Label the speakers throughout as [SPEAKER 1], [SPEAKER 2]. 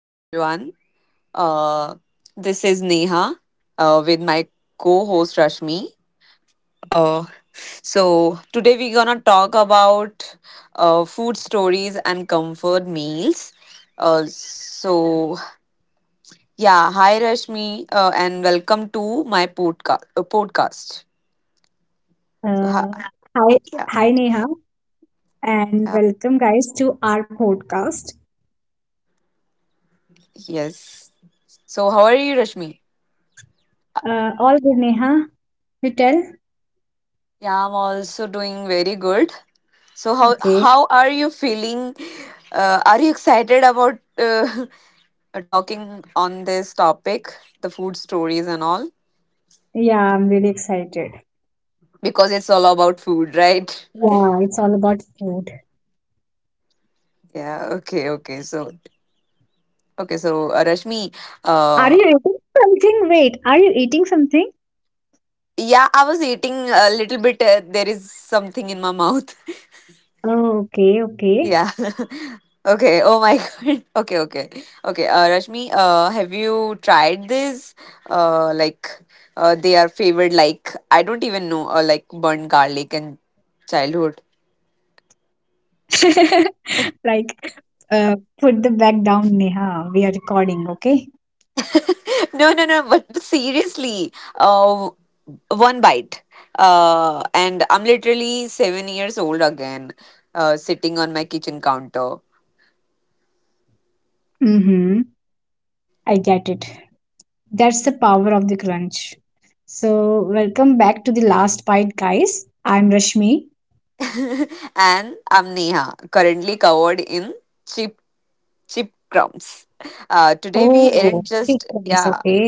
[SPEAKER 1] everyone. Uh, this is Neha with my co host Rashmi. Uh, Today we're gonna talk about food stories and comfort meals. Uh, so, yeah, hi Rashmi, and welcome to my podcast. So,
[SPEAKER 2] Uh, hi,
[SPEAKER 1] yeah,
[SPEAKER 2] hi Neha, and
[SPEAKER 1] yeah,
[SPEAKER 2] welcome guys to our podcast.
[SPEAKER 1] yes. So, how are you, Rashmi?
[SPEAKER 2] All good, Neha. You tell?
[SPEAKER 1] Yeah, I'm also doing very good. So how
[SPEAKER 2] Okay.
[SPEAKER 1] how are you feeling? Are you excited about talking on this topic, the food stories and all?
[SPEAKER 2] Yeah, I'm really excited.
[SPEAKER 1] Because it's all about food, right?
[SPEAKER 2] Yeah, it's all about food.
[SPEAKER 1] Yeah, okay, okay. So, Rashmi, uh,
[SPEAKER 2] Are you eating something? Wait, are you eating something?
[SPEAKER 1] yeah, I was eating a little bit. There is something in my mouth.
[SPEAKER 2] Oh, okay, okay.
[SPEAKER 1] Yeah. Okay. Oh my God. Okay, okay. Okay. Rashmi, have you tried this? Uh, like, they are favored, I don't even know, like burnt garlic in childhood.
[SPEAKER 2] Like, Put the back down, Neha. We are recording, okay?
[SPEAKER 1] No, no, no. But seriously, uh, one bite. And I'm literally 7 years old again, sitting on my kitchen counter.
[SPEAKER 2] Mm-hmm. I get it. That's the power of the crunch. So, welcome back to The Last Bite, guys. I'm Rashmi.
[SPEAKER 1] And I'm Neha, currently covered in chip Chipcrumbs. Today we
[SPEAKER 2] Oh,
[SPEAKER 1] ain't just
[SPEAKER 2] pickles.
[SPEAKER 1] yeah
[SPEAKER 2] Okay.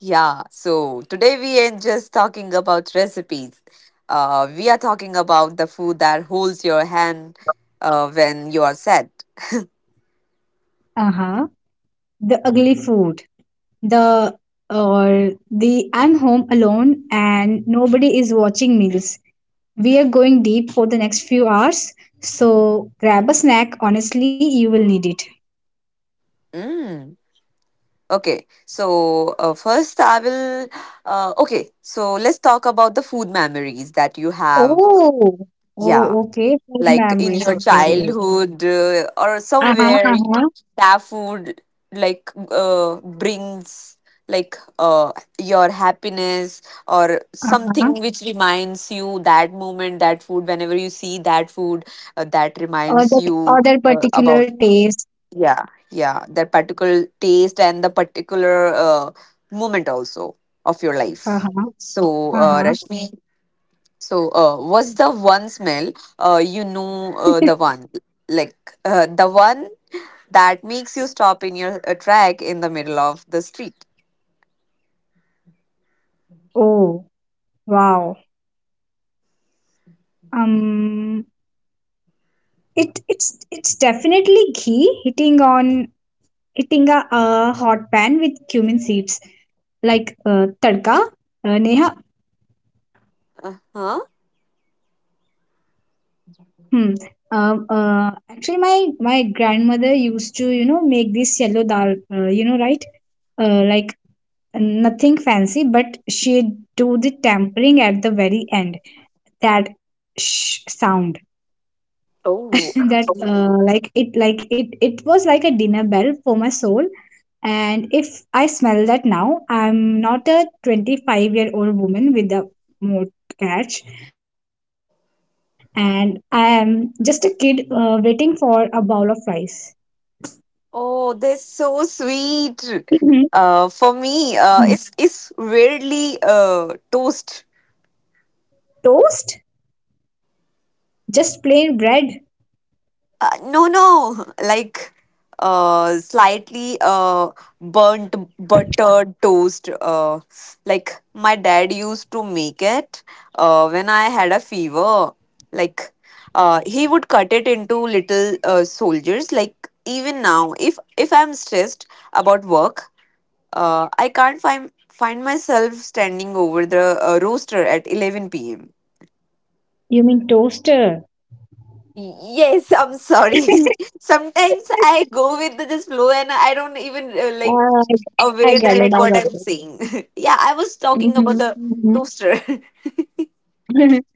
[SPEAKER 1] Yeah. So today we ain't just talking about recipes. We are talking about the food that holds your hand when you are sad.
[SPEAKER 2] Uh-huh. The ugly food. The, or the I'm home alone and nobody is watching meals. We are going deep for the next few hours, so grab a snack. Honestly, you will need it.
[SPEAKER 1] Mm. Okay. So first I will. Okay. So let's talk about the food memories that you have.
[SPEAKER 2] Oh,
[SPEAKER 1] Yeah,
[SPEAKER 2] oh, okay. Food
[SPEAKER 1] like in
[SPEAKER 2] memories,
[SPEAKER 1] your
[SPEAKER 2] okay.
[SPEAKER 1] childhood or
[SPEAKER 2] Uh-huh,
[SPEAKER 1] somewhere
[SPEAKER 2] uh-huh,
[SPEAKER 1] that food brings like uh, your happiness or something
[SPEAKER 2] uh-huh.
[SPEAKER 1] which reminds you that moment that food whenever you see that food, that reminds you
[SPEAKER 2] Or that particular
[SPEAKER 1] about
[SPEAKER 2] taste.
[SPEAKER 1] yeah, yeah, that particular taste and the particular moment also of your life.
[SPEAKER 2] Uh-huh, uh-huh.
[SPEAKER 1] Rashmi, what's the one smell? The one like the one that makes you stop in your track in the middle of the street.
[SPEAKER 2] Oh, wow. Um. It's it's definitely ghee hitting on hitting a hot pan with cumin seeds like tadka. Neha,
[SPEAKER 1] Uh huh.
[SPEAKER 2] hmm. Actually, my grandmother used to you know make this yellow dal. You know, right? Like nothing fancy, but she do the tampering at the very end. That sh sound.
[SPEAKER 1] Oh,
[SPEAKER 2] That like it it was like a dinner bell for my soul, and if I smell that now I'm not a 25-year-old woman with a mortgage, and I am just a kid waiting for a bowl of rice.
[SPEAKER 1] oh, that's so
[SPEAKER 2] Mhm.
[SPEAKER 1] sweet. For
[SPEAKER 2] Hmm.
[SPEAKER 1] me, it's weirdly toast.
[SPEAKER 2] Toast, just plain bread?
[SPEAKER 1] No, no, slightly burnt buttered toast. Like my dad used to make it when I had a fever. Like he would cut it into little soldiers. Like even now, if I'm stressed about work, I can't find myself standing over the rooster at 11 p.m.
[SPEAKER 2] You mean toaster.
[SPEAKER 1] Yes, I'm sorry. Sometimes I go with the just flow and I don't even like
[SPEAKER 2] Ah, I
[SPEAKER 1] aware
[SPEAKER 2] get
[SPEAKER 1] that
[SPEAKER 2] it.
[SPEAKER 1] like
[SPEAKER 2] I
[SPEAKER 1] what
[SPEAKER 2] got
[SPEAKER 1] I'm
[SPEAKER 2] it.
[SPEAKER 1] saying. Yeah, I was talking about
[SPEAKER 2] Mm-hmm.
[SPEAKER 1] the toaster.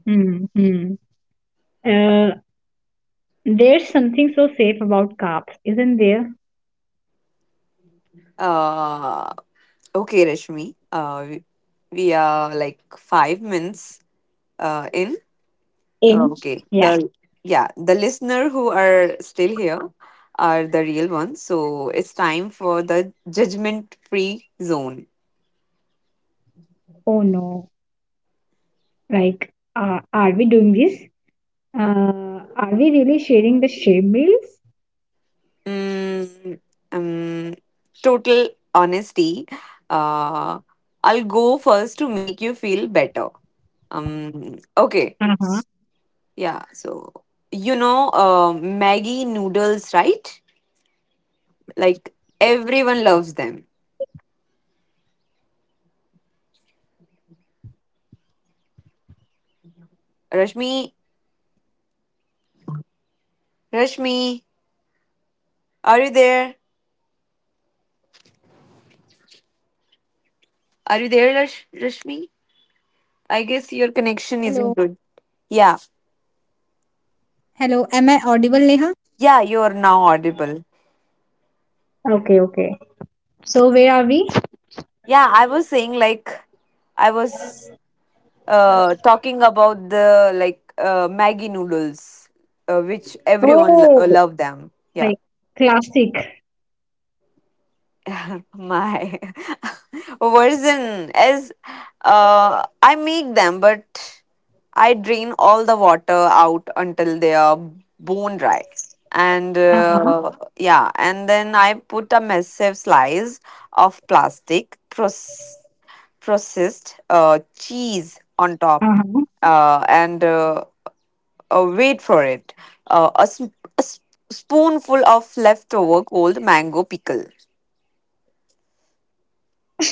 [SPEAKER 2] Mm hmm. Uh, There's something so safe about carbs, isn't there?
[SPEAKER 1] uh, okay, Rashmi. We are like 5 minutes in. Uh,
[SPEAKER 2] In.
[SPEAKER 1] Okay,
[SPEAKER 2] Yeah.
[SPEAKER 1] the yeah the listener who are still here are the real ones. So it's time for the judgment free zone.
[SPEAKER 2] Oh no. Are we doing this? Are we really sharing the same meals?
[SPEAKER 1] Mm, um, Total honesty. Uh, I'll go first to make you feel better. Okay.
[SPEAKER 2] Uh huh.
[SPEAKER 1] Yeah. So, you know, Maggie noodles, right? Like everyone loves them. Rashmi, Rashmi, are you there? Are you there, Rashmi? I guess your connection isn't good. Yeah. Yeah, you're now audible.
[SPEAKER 2] Okay, okay. So where are we?
[SPEAKER 1] Yeah, I was saying like I was. Talking about the Maggie noodles, which everyone
[SPEAKER 2] Oh,
[SPEAKER 1] love them. Yeah,
[SPEAKER 2] like classic.
[SPEAKER 1] my version is I make them, but I drain all the water out until they are bone dry. And
[SPEAKER 2] Uh-huh,
[SPEAKER 1] yeah, and then I put a massive slice of plastic processed cheese on top.
[SPEAKER 2] uh-huh.
[SPEAKER 1] And wait for it. A spoonful of leftover cold mango pickle.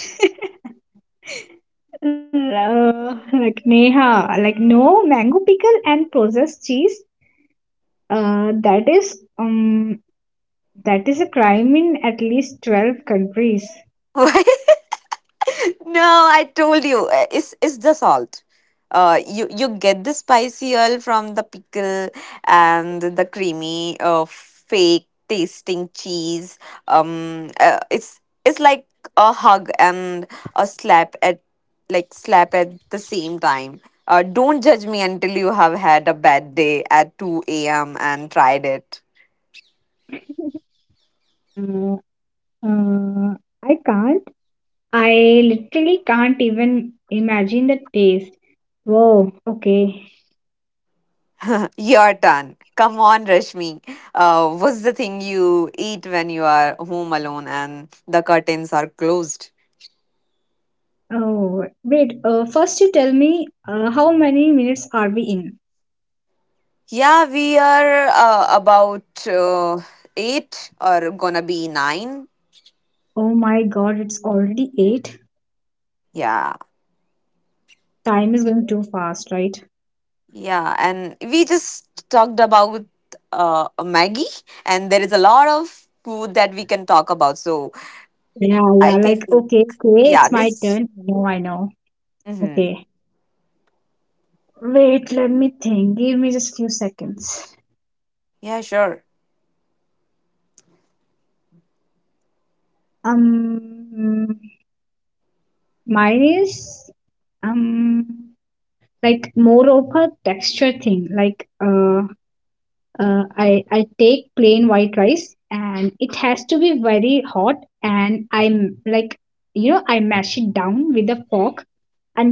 [SPEAKER 2] Like Neha, like no mango pickle and processed cheese. That is that is a crime in at least 12 countries.
[SPEAKER 1] No, I told you. It's the salt. You get the spicy oil from the pickle and the creamy fake tasting cheese. It's like a hug and a slap at slap at the same time. Don't judge me until you have had a bad day at two a.m. and tried it.
[SPEAKER 2] Uh, uh, I can't. I literally can't even imagine the taste. Whoa, okay.
[SPEAKER 1] You're done. Come on, Rashmi. What's the thing you eat when you are home alone and the curtains are closed?
[SPEAKER 2] Oh, wait. First, you tell me how many minutes are we in?
[SPEAKER 1] Yeah, we are about eight or gonna be nine.
[SPEAKER 2] Oh my God, it's already eight.
[SPEAKER 1] Yeah,
[SPEAKER 2] Time is going too fast, right?
[SPEAKER 1] yeah. And we just talked about Maggie, and there is a lot of food that we can talk about. So
[SPEAKER 2] Yeah, yeah.
[SPEAKER 1] I
[SPEAKER 2] Like,
[SPEAKER 1] think,
[SPEAKER 2] okay, okay, it's
[SPEAKER 1] yeah,
[SPEAKER 2] my
[SPEAKER 1] this.
[SPEAKER 2] turn. No, I know.
[SPEAKER 1] hmm
[SPEAKER 2] Okay. Wait, let me think. Give me just few seconds.
[SPEAKER 1] Yeah, sure.
[SPEAKER 2] Um, Mine is um like more of a texture thing. I take plain white rice and it has to be very hot, and I'm like, you know, I mash it down with a fork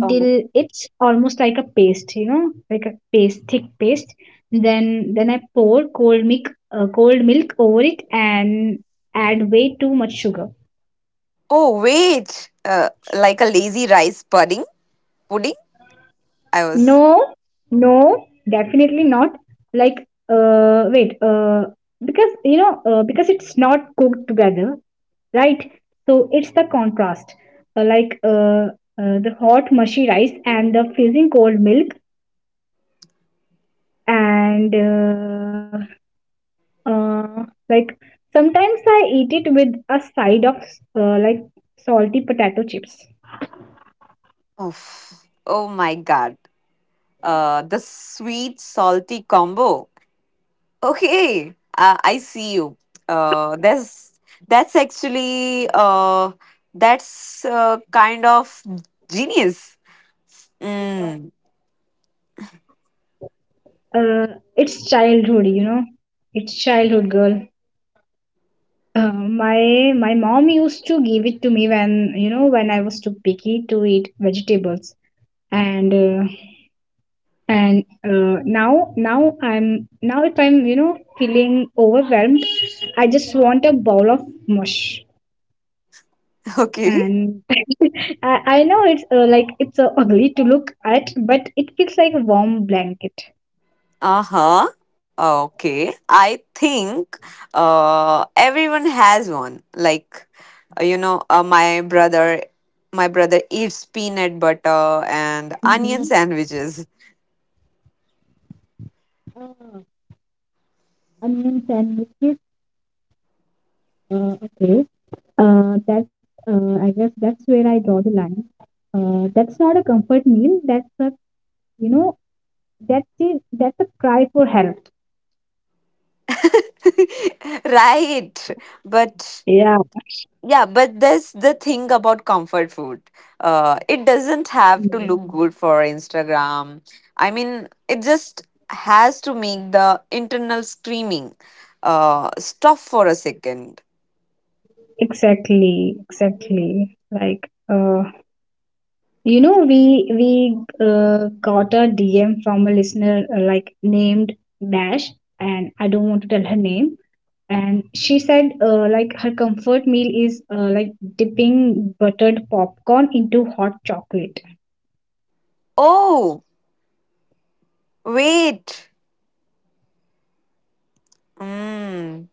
[SPEAKER 1] Uh-huh.
[SPEAKER 2] it's almost like a paste, you know, like a paste thick paste. Then I pour cold milk over it and add way too much sugar.
[SPEAKER 1] Oh, wait. Like a lazy rice pudding? Pudding? I was,
[SPEAKER 2] No, no, definitely not. Like, uh, wait, uh, because you know, because it's not cooked together, right? So it's the contrast, uh, like uh, uh, the hot mushy rice and the freezing cold milk, and uh, like sometimes I eat it with a side of uh, like salty potato chips.
[SPEAKER 1] oh, oh my god, the sweet salty combo. Okay, I see you. Uh, that's that's actually that's kind of genius. Mm,
[SPEAKER 2] Uh, it's childhood, you know. It's childhood, girl. My mom used to give it to me when you know when I was too picky to eat vegetables, and now I'm now if I'm you know feeling overwhelmed, I just want a bowl of mush,
[SPEAKER 1] okay.
[SPEAKER 2] and I know it's ugly to look at, but it feels like a warm blanket.
[SPEAKER 1] Uh huh. Okay. I think everyone has one. Uh, you know, uh, my brother, my brother eats peanut butter and onion
[SPEAKER 2] Mm-hmm.
[SPEAKER 1] sandwiches.
[SPEAKER 2] Uh, Onion sandwiches. Okay. That's. I guess that's where I draw the line. That's not a comfort meal. That's a you know that's a cry for help.
[SPEAKER 1] Right, but
[SPEAKER 2] Yeah.
[SPEAKER 1] yeah, but that's the thing about comfort food, it doesn't have to look
[SPEAKER 2] Mm.
[SPEAKER 1] good for Instagram. I mean, it just has to make the internal screaming stop for a second.
[SPEAKER 2] Exactly, exactly. You know, we got a DM from a listener like named Dash, and I don't want to tell her name. And she said, like her comfort meal is like dipping buttered popcorn into hot chocolate.
[SPEAKER 1] Oh, wait. Mm,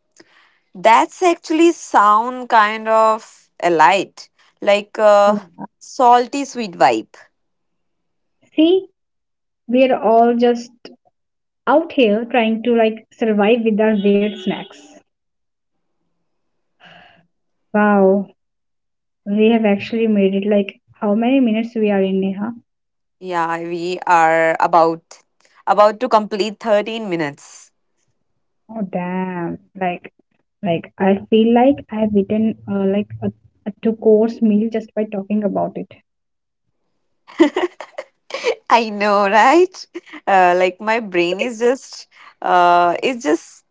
[SPEAKER 1] that's actually sound kind of a light like a
[SPEAKER 2] Yeah.
[SPEAKER 1] salty sweet vibe.
[SPEAKER 2] See, we're all just out here trying to like survive with our weird snacks. Wow, we have actually made it like how many minutes we are in, Neha?
[SPEAKER 1] Yeah, we are about to complete 13 minutes.
[SPEAKER 2] Oh damn. I feel like I have eaten a two course meal just by talking about it.
[SPEAKER 1] I know, right? Like my brain is just it's just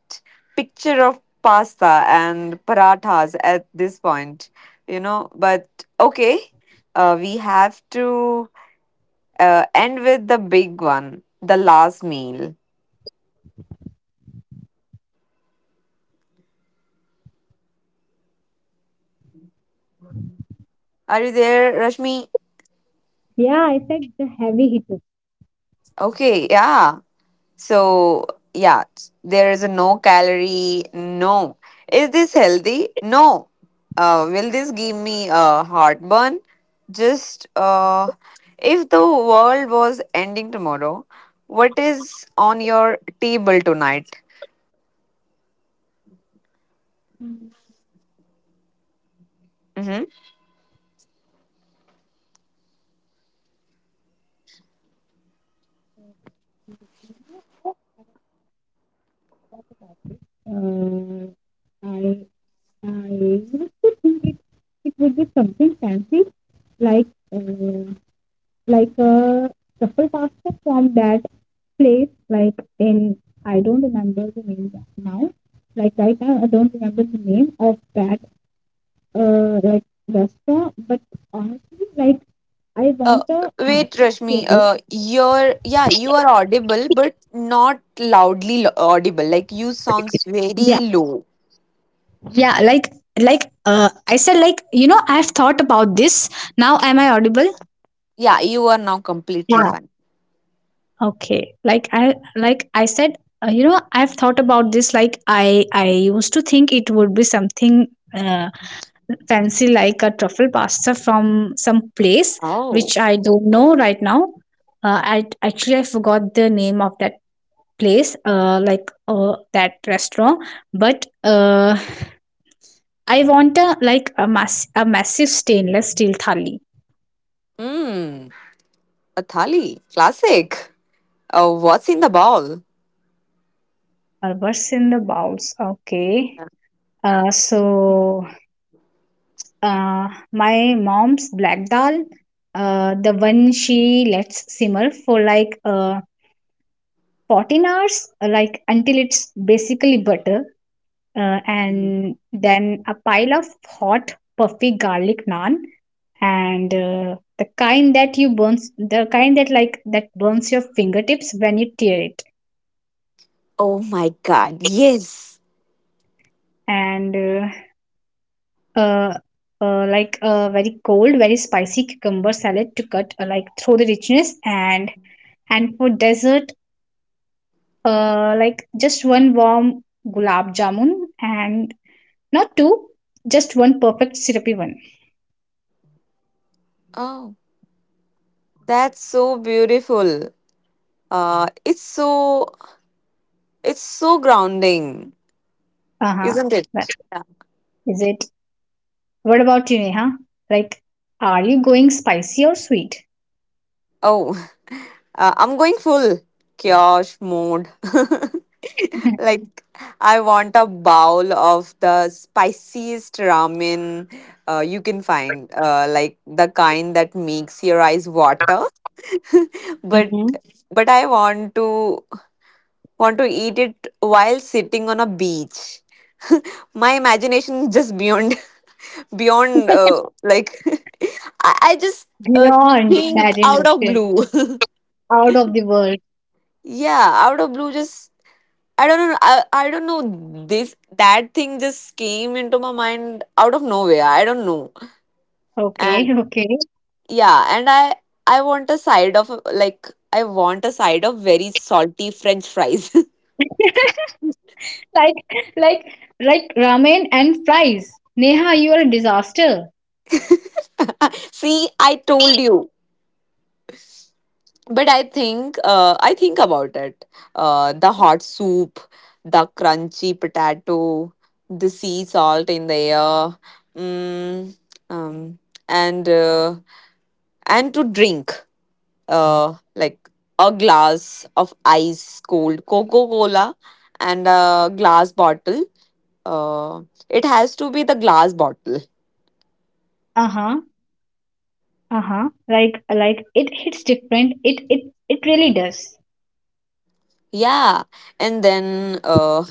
[SPEAKER 1] picture of pasta and parathas at this point, you know. But okay, we have to end with the big one, the last meal. Are you there, Rashmi?
[SPEAKER 2] Yeah, I said the heavy hitter.
[SPEAKER 1] Okay, yeah. So, yeah, there is a no calorie. No. Is this healthy? No. Will this give me a heartburn? Just If the world was ending tomorrow, what is on your table tonight? Mm-hmm.
[SPEAKER 2] Uh, I I used to think it would be something fancy like uh, a truffle pasta from that place like in, I don't remember the name now, like right now I don't remember the name of that restaurant, but honestly like I want a
[SPEAKER 1] Uh, Wait,
[SPEAKER 2] massive
[SPEAKER 1] Rashmi.
[SPEAKER 2] table.
[SPEAKER 1] You're yeah, you are audible, but not audible. Like you sounds
[SPEAKER 2] Yeah,
[SPEAKER 1] very low.
[SPEAKER 2] yeah, like I said, like you know I've thought about this. Now am I audible?
[SPEAKER 1] Yeah, you are now completely fine.
[SPEAKER 2] Okay. I said, you know, I've thought about this. I used to think it would be something uh, fancy, like a truffle pasta from some place which
[SPEAKER 1] Oh.
[SPEAKER 2] I don't know right now. I forgot the name of that place, that restaurant. But I want a like a massive stainless steel thali.
[SPEAKER 1] Hmm. A thali, classic. What's in the bowl?
[SPEAKER 2] What's in the bowls? Okay. Uh, so my mom's black dal, the one she lets simmer for like 14 hours, like until it's basically butter, and then a pile of hot, puffy garlic naan, and the kind that you burns, the kind that burns your fingertips when you tear it,
[SPEAKER 1] Oh my god, yes.
[SPEAKER 2] and uh, like a very cold, very spicy cucumber salad to cut like through the richness, and for dessert, like just one warm gulab jamun, and not two, just one perfect syrupy one.
[SPEAKER 1] Oh, that's so beautiful. Uh, it's so it's so grounding,
[SPEAKER 2] Uh-huh.
[SPEAKER 1] isn't
[SPEAKER 2] That
[SPEAKER 1] it?
[SPEAKER 2] is it. What about you, Neha? Like, are you going spicy or sweet?
[SPEAKER 1] Oh, I'm going full kiosh mode. Like, I want a bowl of the spiciest ramen you can find, like the kind that makes your eyes water. but
[SPEAKER 2] Hmm.
[SPEAKER 1] but I want to eat it while sitting on a beach. My imagination is just beyond beyond I just uh,
[SPEAKER 2] Beyond
[SPEAKER 1] think out of
[SPEAKER 2] imagination.
[SPEAKER 1] blue.
[SPEAKER 2] Out of the world.
[SPEAKER 1] Yeah, out of blue, just I don't know. I don't know. This that thing just came into my mind out of nowhere. I don't know.
[SPEAKER 2] Okay,
[SPEAKER 1] And
[SPEAKER 2] okay.
[SPEAKER 1] yeah, and I want a side of like I want a side of very salty French fries.
[SPEAKER 2] like like like ramen and fries. Neha, you are a disaster.
[SPEAKER 1] See, I told you. But I think about it. The hot soup, the crunchy potato, the sea salt in the air. Mm, um, and. Uh, and to drink like a glass of ice cold Coca Cola and a glass bottle. Uh, it has to be the glass bottle.
[SPEAKER 2] Uh-huh, uh-huh. Like, it hits different. It it really does.
[SPEAKER 1] Yeah. And then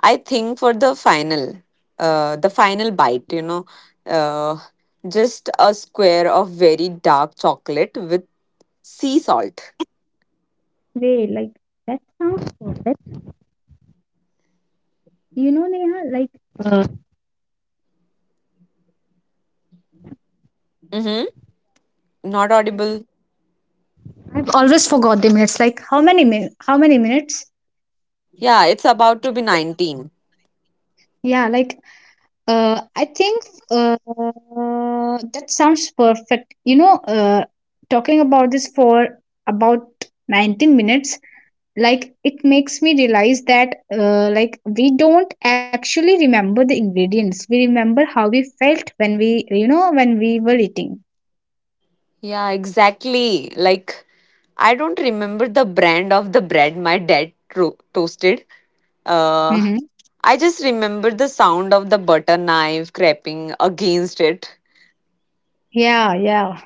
[SPEAKER 1] I think for the final bite, you know, uh, just a square of very dark chocolate with sea salt.
[SPEAKER 2] Wait, like that sounds perfect. You know, Neha, like, uh,
[SPEAKER 1] Mm-hmm. Not audible.
[SPEAKER 2] I've always forgot the minutes. Like how many min? How many minutes?
[SPEAKER 1] Yeah, it's about to be 19.
[SPEAKER 2] Yeah, like, I think that sounds perfect. You know, talking about this for about 19 minutes, like it makes me realize that like we don't actually remember the ingredients. We remember how we felt when we, you know, when we were eating.
[SPEAKER 1] Yeah, exactly. Like, I don't remember the brand of the bread my dad toasted. Uh,
[SPEAKER 2] Hmm.
[SPEAKER 1] I just remember the sound of the butter knife cracking against it.
[SPEAKER 2] Yeah, yeah.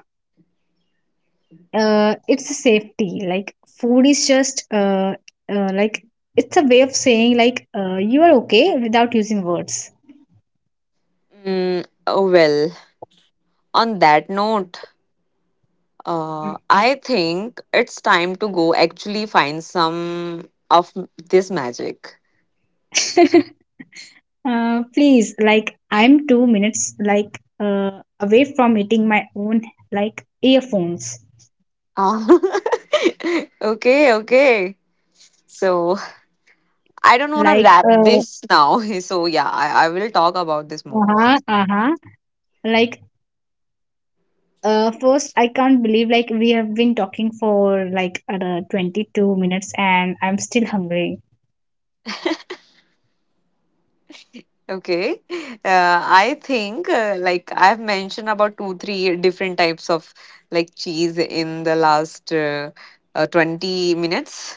[SPEAKER 2] It's a safety. Like food is just uh, like it's a way of saying like you are okay without using words.
[SPEAKER 1] Oh well, on that note, I think it's time to go actually find some of this magic.
[SPEAKER 2] Please, like I'm 2 minutes like away from hitting my own like earphones.
[SPEAKER 1] Ah. Okay, okay. So I don't want to
[SPEAKER 2] Like
[SPEAKER 1] wrap
[SPEAKER 2] uh
[SPEAKER 1] this now. So, yeah, I will talk about this more.
[SPEAKER 2] uh-huh, uh-huh. Like First, I can't believe like we have been talking for like 22 minutes and I'm still hungry.
[SPEAKER 1] Okay. I've mentioned about two, three different types of cheese in the last 20 minutes.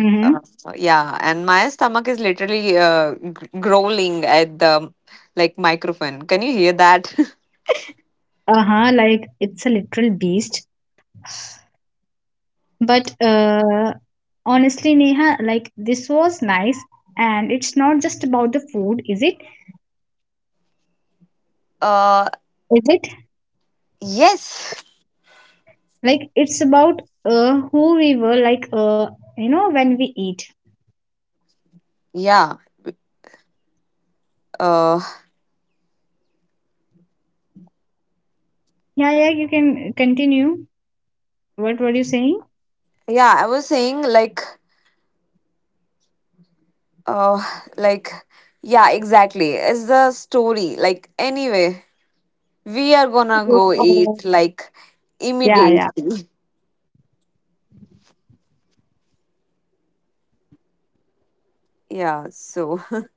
[SPEAKER 2] Mm-hmm.
[SPEAKER 1] Uh, yeah. And my stomach is literally growling at the microphone. Can you hear that?
[SPEAKER 2] Uh-huh, like it's a literal beast. But honestly Neha, like this was nice, and it's not just about the food, is it?
[SPEAKER 1] uh,
[SPEAKER 2] Is it?
[SPEAKER 1] yes.
[SPEAKER 2] Like it's about who we were like, you know, when we eat.
[SPEAKER 1] Yeah. Uh,
[SPEAKER 2] Yeah, yeah, you can continue. What were you saying?
[SPEAKER 1] yeah. I was saying, Uh, like, yeah, exactly. It's the story. Like, anyway, we are gonna go
[SPEAKER 2] Uh,
[SPEAKER 1] eat
[SPEAKER 2] yeah yeah
[SPEAKER 1] immediately. Yeah. So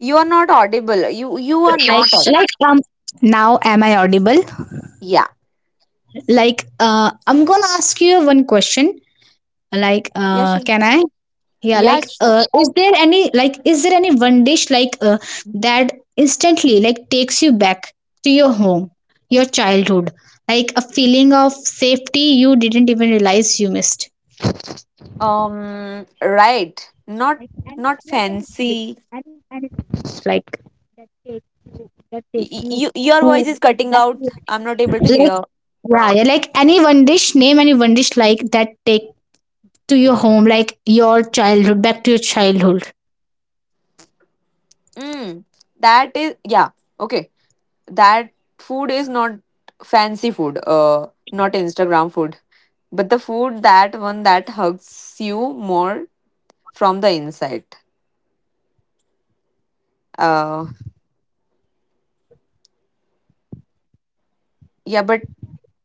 [SPEAKER 1] you are not audible. You are
[SPEAKER 2] like
[SPEAKER 1] not audible.
[SPEAKER 2] like um Now am I audible?
[SPEAKER 1] Yeah.
[SPEAKER 2] I'm gonna ask you one question.
[SPEAKER 1] Yeah. Sure.
[SPEAKER 2] Can I? Yeah,
[SPEAKER 1] Yeah.
[SPEAKER 2] like,
[SPEAKER 1] Sure.
[SPEAKER 2] is there any like is there any one dish like, that instantly like takes you back to your home, your childhood, like a feeling of safety you didn't even realize you missed.
[SPEAKER 1] Right.
[SPEAKER 2] Like and
[SPEAKER 1] Not
[SPEAKER 2] like anything with
[SPEAKER 1] fancy.
[SPEAKER 2] anything. Like that takes that takes you
[SPEAKER 1] You, your voice
[SPEAKER 2] home
[SPEAKER 1] is
[SPEAKER 2] to
[SPEAKER 1] cutting
[SPEAKER 2] back to your,
[SPEAKER 1] out. I'm not
[SPEAKER 2] like,
[SPEAKER 1] able to hear.
[SPEAKER 2] yeah, yeah, like any one dish, name any one dish like that take to your home, like your childhood, back to your childhood.
[SPEAKER 1] Mm. That is yeah. Okay. That food is not fancy food, not Instagram food, but the food that one that hugs you more from the inside. Uh, yeah, but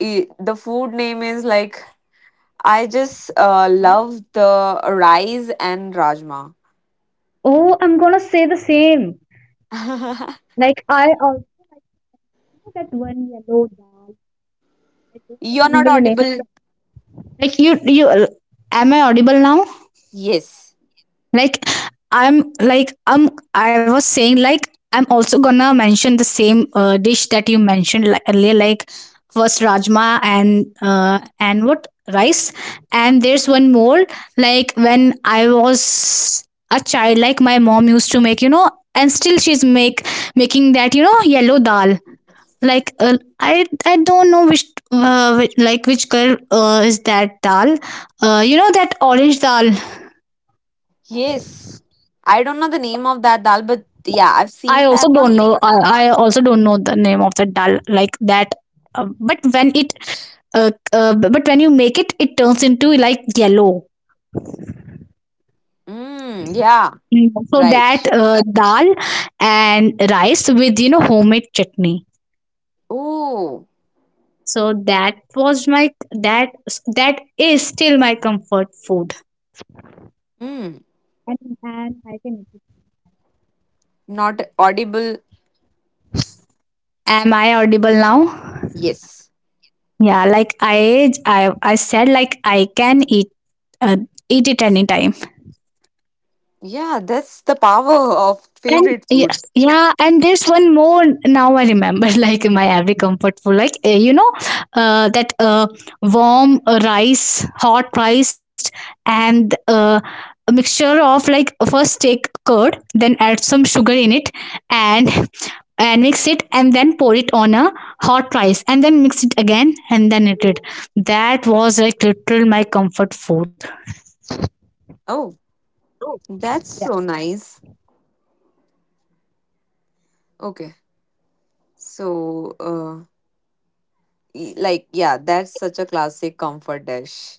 [SPEAKER 1] the food name is like I just
[SPEAKER 2] Huh?
[SPEAKER 1] love the rice and rajma.
[SPEAKER 2] Oh, I'm gonna say the same. Like I also like, you know, that one yellow dal. I don't
[SPEAKER 1] You're
[SPEAKER 2] remember
[SPEAKER 1] not
[SPEAKER 2] the name.
[SPEAKER 1] audible.
[SPEAKER 2] Like you Am I audible now?
[SPEAKER 1] Yes,
[SPEAKER 2] Like I was saying like I'm also gonna mention the same dish that you mentioned like earlier, like first rajma and what rice, and there's one more like when I was a child, like my mom used to make, you know, and still she's make making that, you know, yellow dal, like I don't know which like which girl is that dal, you know, that orange dal.
[SPEAKER 1] yes. I don't know the name of that dal, but yeah, I've
[SPEAKER 2] i
[SPEAKER 1] seen
[SPEAKER 2] also
[SPEAKER 1] that one.
[SPEAKER 2] don't know I, I also don't know the name of that dal like that, uh, but when it but when you make it it turns into like yellow.
[SPEAKER 1] Mm, yeah,
[SPEAKER 2] Mm. So that
[SPEAKER 1] right.
[SPEAKER 2] dal and rice with, you know, homemade chutney,
[SPEAKER 1] Oh,
[SPEAKER 2] so that was my that that is still my comfort food,
[SPEAKER 1] mm.
[SPEAKER 2] and, I can.
[SPEAKER 1] Not audible.
[SPEAKER 2] Am I audible now?
[SPEAKER 1] Yes.
[SPEAKER 2] Yeah, like I said like I can uh, eat it anytime.
[SPEAKER 1] Yeah, that's the power of
[SPEAKER 2] And
[SPEAKER 1] favorite food.
[SPEAKER 2] yeah, and there's one more now I remember, like my every comfort food, like you know, that warm rice, hot priced, and a mixture of like first take curd, then add some sugar in it, and and mix it, and then pour it on a hot rice, and then mix it again, and then eat it. That was like literal my comfort food.
[SPEAKER 1] Oh, that's
[SPEAKER 2] Yeah.
[SPEAKER 1] so nice. Okay. So, like, yeah, that's such a classic comfort dish.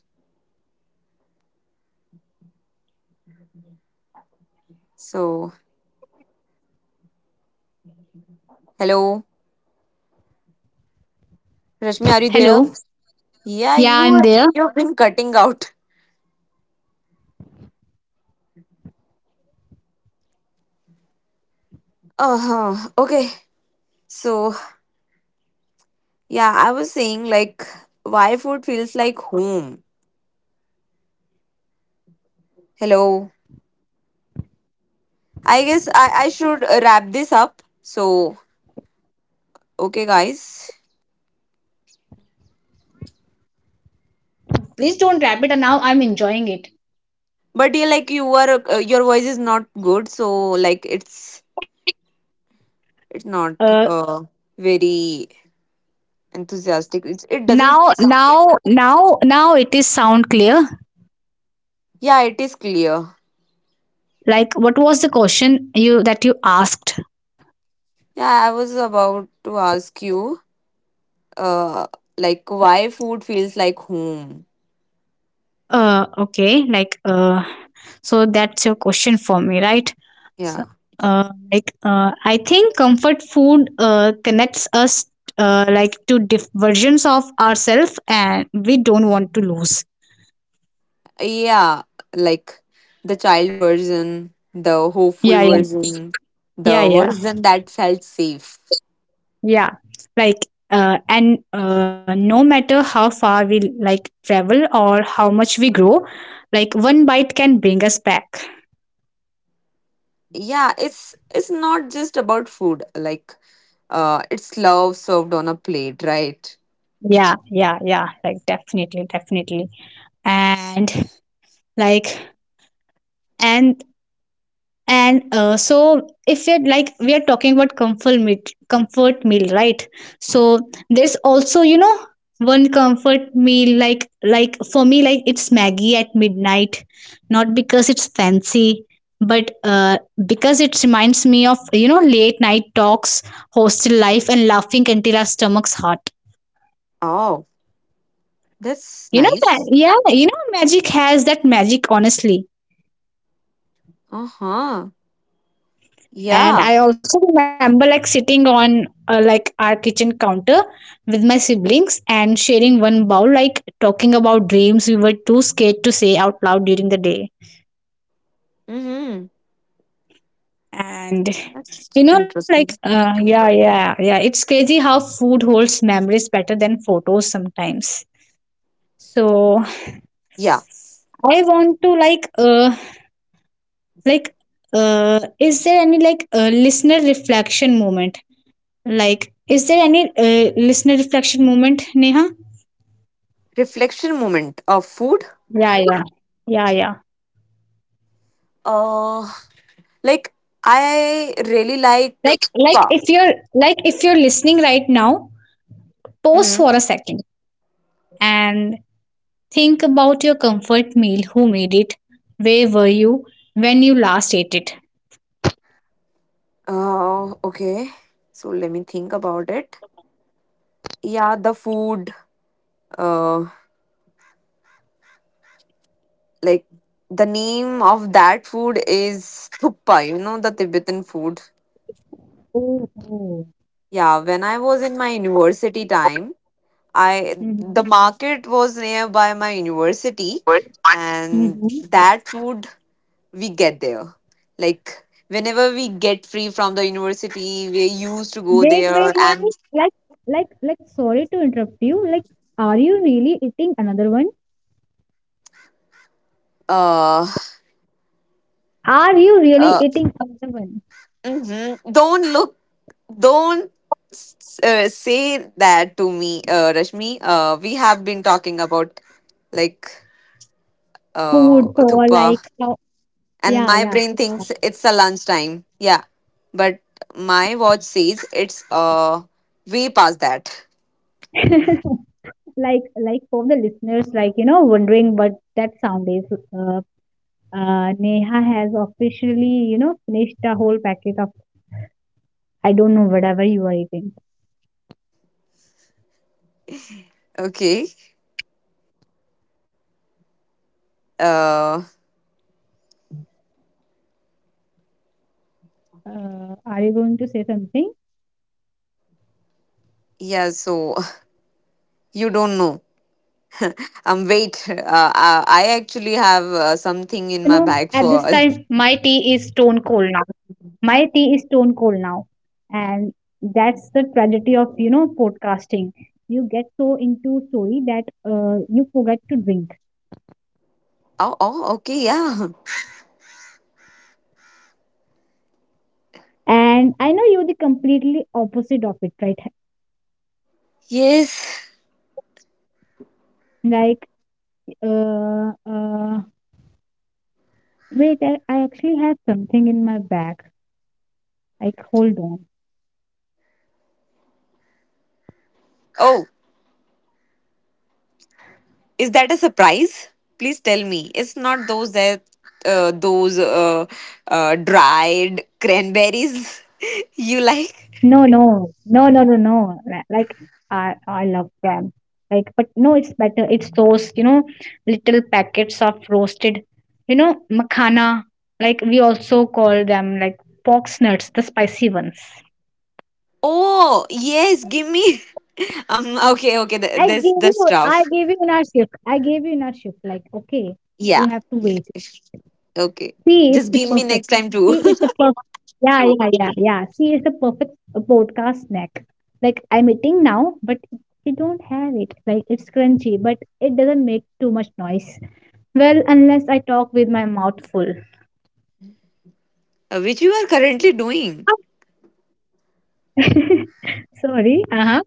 [SPEAKER 1] So, hello, Rashmi, are you
[SPEAKER 2] Hello,
[SPEAKER 1] there? Yeah,
[SPEAKER 2] yeah,
[SPEAKER 1] you
[SPEAKER 2] I'm
[SPEAKER 1] are-
[SPEAKER 2] there.
[SPEAKER 1] you've been cutting out. Uh-huh. Okay. So, yeah, I was saying like why food feels like home. Hello. I guess I should wrap this up. So, okay, guys.
[SPEAKER 2] Please don't wrap it, and now I'm enjoying it.
[SPEAKER 1] But yeah, like you are your voice is not good, so like it's it's not
[SPEAKER 2] Uh,
[SPEAKER 1] uh very enthusiastic. It's, it doesn't
[SPEAKER 2] Now,
[SPEAKER 1] sound.
[SPEAKER 2] now, now, now it is sound clear.
[SPEAKER 1] Yeah, it is clear.
[SPEAKER 2] Like, what was the question you that you asked?
[SPEAKER 1] Yeah, I was about to ask you uh like why food feels like home.
[SPEAKER 2] Okay, like, so that's your question for me, right? So,
[SPEAKER 1] Yeah,
[SPEAKER 2] I think comfort food connects us like to diff- versions of ourselves, and we don't want to lose.
[SPEAKER 1] yeah, like the child version, the hopeful
[SPEAKER 2] Yeah, yeah,
[SPEAKER 1] version,
[SPEAKER 2] yeah,
[SPEAKER 1] the
[SPEAKER 2] yeah.
[SPEAKER 1] version that felt safe.
[SPEAKER 2] Yeah, like and no matter how far we like travel or how much we grow, like one bite can bring us back.
[SPEAKER 1] Yeah, it's not just about food, like it's love served on a plate, right?
[SPEAKER 2] Yeah, yeah, yeah, like definitely, definitely. And like and and so if you're like we are talking about comfort meal comfort meal, right? So there's also, you know, one comfort meal, like for me, like it's maggie at midnight, not because it's fancy, but because it reminds me of, you know, late night talks, hostel life, and laughing until our stomachs hurt.
[SPEAKER 1] Oh, that's
[SPEAKER 2] You know that,
[SPEAKER 1] nice.
[SPEAKER 2] yeah, you know magic has that magic, honestly.
[SPEAKER 1] Uh-huh. Yeah.
[SPEAKER 2] And I also remember like sitting on like our kitchen counter with my siblings and sharing one bowl, like talking about dreams we were too scared to say out loud during the day.
[SPEAKER 1] Mm-hmm.
[SPEAKER 2] And
[SPEAKER 1] That's
[SPEAKER 2] you know, like
[SPEAKER 1] interesting.
[SPEAKER 2] yeah, yeah, yeah, it's crazy how food holds memories better than photos sometimes. So
[SPEAKER 1] Yeah,
[SPEAKER 2] I want to like is there any like listener reflection moment? Like is there any listener reflection moment, Neha?
[SPEAKER 1] reflection moment of food.
[SPEAKER 2] yeah yeah yeah
[SPEAKER 1] uh like I really like
[SPEAKER 2] Like like
[SPEAKER 1] pa
[SPEAKER 2] if you're like if you're listening right now, pause
[SPEAKER 1] mm-hmm.
[SPEAKER 2] for a second, and think about your comfort meal. Who made it? Where were you when you last ate it?
[SPEAKER 1] Okay, so let me think about it. Yeah, the food, uh like the name of that food is thuppa, you know, the Tibetan food.
[SPEAKER 2] Oh. oh.
[SPEAKER 1] Yeah, when I was in my university time, I the
[SPEAKER 2] Mm-hmm.
[SPEAKER 1] market was nearby my university and
[SPEAKER 2] Mm-hmm.
[SPEAKER 1] that food we get there. Like whenever we get free from the university, we used to go
[SPEAKER 2] Wait,
[SPEAKER 1] there
[SPEAKER 2] wait, wait.
[SPEAKER 1] and
[SPEAKER 2] Sorry to interrupt you. Like, are you really eating another one?
[SPEAKER 1] uh
[SPEAKER 2] Are you really
[SPEAKER 1] uh
[SPEAKER 2] eating another one?
[SPEAKER 1] mhm. Don't look, don't say that to me, Rashmi. We have been talking about like uh,
[SPEAKER 2] Food for
[SPEAKER 1] thuppa,
[SPEAKER 2] like how?
[SPEAKER 1] and
[SPEAKER 2] Yeah,
[SPEAKER 1] my
[SPEAKER 2] yeah,
[SPEAKER 1] brain
[SPEAKER 2] keep
[SPEAKER 1] thinks it's a lunchtime. Yeah, but my watch says it's way past that.
[SPEAKER 2] going. Like, for the listeners, like, you know, wondering what that sound is, uh, Neha has officially, you know, finished a whole packet of, I don't know whatever you are eating.
[SPEAKER 1] Okay. Uh,
[SPEAKER 2] Are you going to say something?
[SPEAKER 1] yeah. So you don't know.
[SPEAKER 2] No,
[SPEAKER 1] Wait.
[SPEAKER 2] like
[SPEAKER 1] I
[SPEAKER 2] honestly, you
[SPEAKER 1] actually
[SPEAKER 2] know,
[SPEAKER 1] have
[SPEAKER 2] at this time
[SPEAKER 1] something in
[SPEAKER 2] my
[SPEAKER 1] my bag
[SPEAKER 2] tea is
[SPEAKER 1] for.
[SPEAKER 2] stone cold now my tea is stone cold now and that's the tragedy of, you know, podcasting. You get so into story that you forget to drink.
[SPEAKER 1] Oh, oh, okay. Yeah.
[SPEAKER 2] And I know you're the completely opposite of it, right?
[SPEAKER 1] Yes.
[SPEAKER 2] Like, uh, uh wait, I actually have something in my bag, like hold on.
[SPEAKER 1] Oh. Is that a surprise? Please tell me. It's not those dried cranberries you like.
[SPEAKER 2] No no no no no no Li- like I love them, like, but no, it's better. It's those, you know, little packets of roasted, you know, makhana. Like we also call them like fox nuts, the spicy ones.
[SPEAKER 1] Oh yes, give me. Um. Okay. Okay. This the
[SPEAKER 2] I
[SPEAKER 1] stuff.
[SPEAKER 2] gave you in our shift. Like, okay,
[SPEAKER 1] Yeah.
[SPEAKER 2] you have to
[SPEAKER 1] Yeah.
[SPEAKER 2] wait.
[SPEAKER 1] Okay.
[SPEAKER 2] See, it's the
[SPEAKER 1] Just give me
[SPEAKER 2] perfect.
[SPEAKER 1] next time
[SPEAKER 2] See, it's
[SPEAKER 1] too.
[SPEAKER 2] the perfect. Yeah, yeah, yeah, yeah. See, it's the perfect podcast snack. Like I'm eating now, but you don't have it. Like it's crunchy, but it doesn't make too much noise. Well, unless I talk with my mouth full.
[SPEAKER 1] Which you are currently doing.
[SPEAKER 2] Sorry. Uh huh.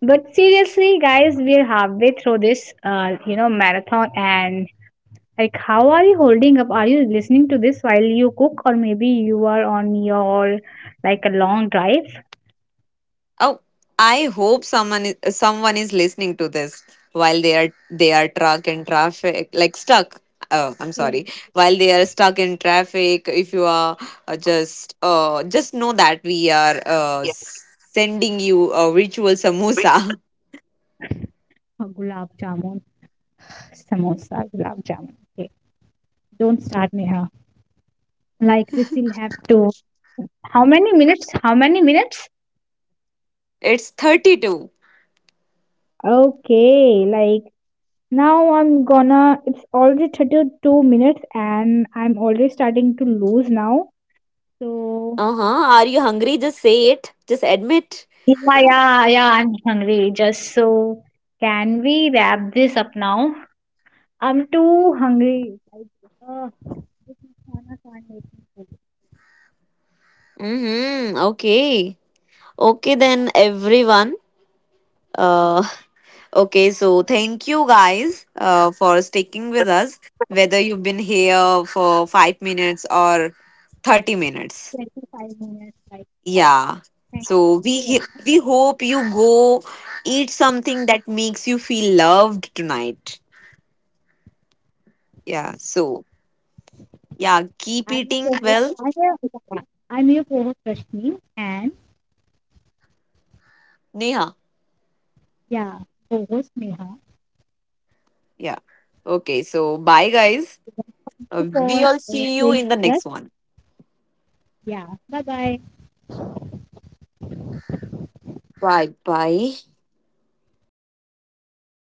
[SPEAKER 2] But seriously, guys, we're halfway through this, marathon, and like, how are you holding up? Are you listening to this while you cook, or maybe you are on your like a long drive?
[SPEAKER 1] Oh, I hope someone is listening to this while they are truck in traffic, like stuck. Oh, I'm
[SPEAKER 2] Yeah.
[SPEAKER 1] sorry. While they are stuck in traffic, if you are just know that we are sending you a ritual samosa.
[SPEAKER 2] Gulab jamun, samosa, gulab jamun. Okay, don't start, Neha. Like we still have to. How many minutes? How many minutes?
[SPEAKER 1] It's 32.
[SPEAKER 2] Okay, like now I'm gonna. It's already 32 minutes and I'm already starting to lose now. So,
[SPEAKER 1] Uh huh. Are you hungry? Just say it. Just admit.
[SPEAKER 2] yeah, yeah, yeah, I'm hungry. Just so, can we wrap this up now? I'm too hungry. Like, uh, this khana can't make me
[SPEAKER 1] Mm hmm. Okay. Okay, then, everyone. Uh, Okay, so thank you guys for sticking with us,
[SPEAKER 2] full.
[SPEAKER 1] whether you've been here for 5 minutes or 30 minutes.
[SPEAKER 2] 25 minutes, like.
[SPEAKER 1] Yeah.
[SPEAKER 2] Thank
[SPEAKER 1] So
[SPEAKER 2] you very much.
[SPEAKER 1] we hope you go eat something that makes you feel loved tonight. Yeah. So yeah, keep
[SPEAKER 2] I'm your
[SPEAKER 1] eating
[SPEAKER 2] co-host.
[SPEAKER 1] well,
[SPEAKER 2] I'm your, I'm your co-host Rashmi, and
[SPEAKER 1] Neha.
[SPEAKER 2] yeah, co-host Neha.
[SPEAKER 1] Yeah. Okay. So bye, guys.
[SPEAKER 2] Thank you for
[SPEAKER 1] We all see you
[SPEAKER 2] staying
[SPEAKER 1] in the
[SPEAKER 2] with us.
[SPEAKER 1] next one.
[SPEAKER 2] Yeah, bye bye.
[SPEAKER 1] Bye bye.
[SPEAKER 2] I'm gonna be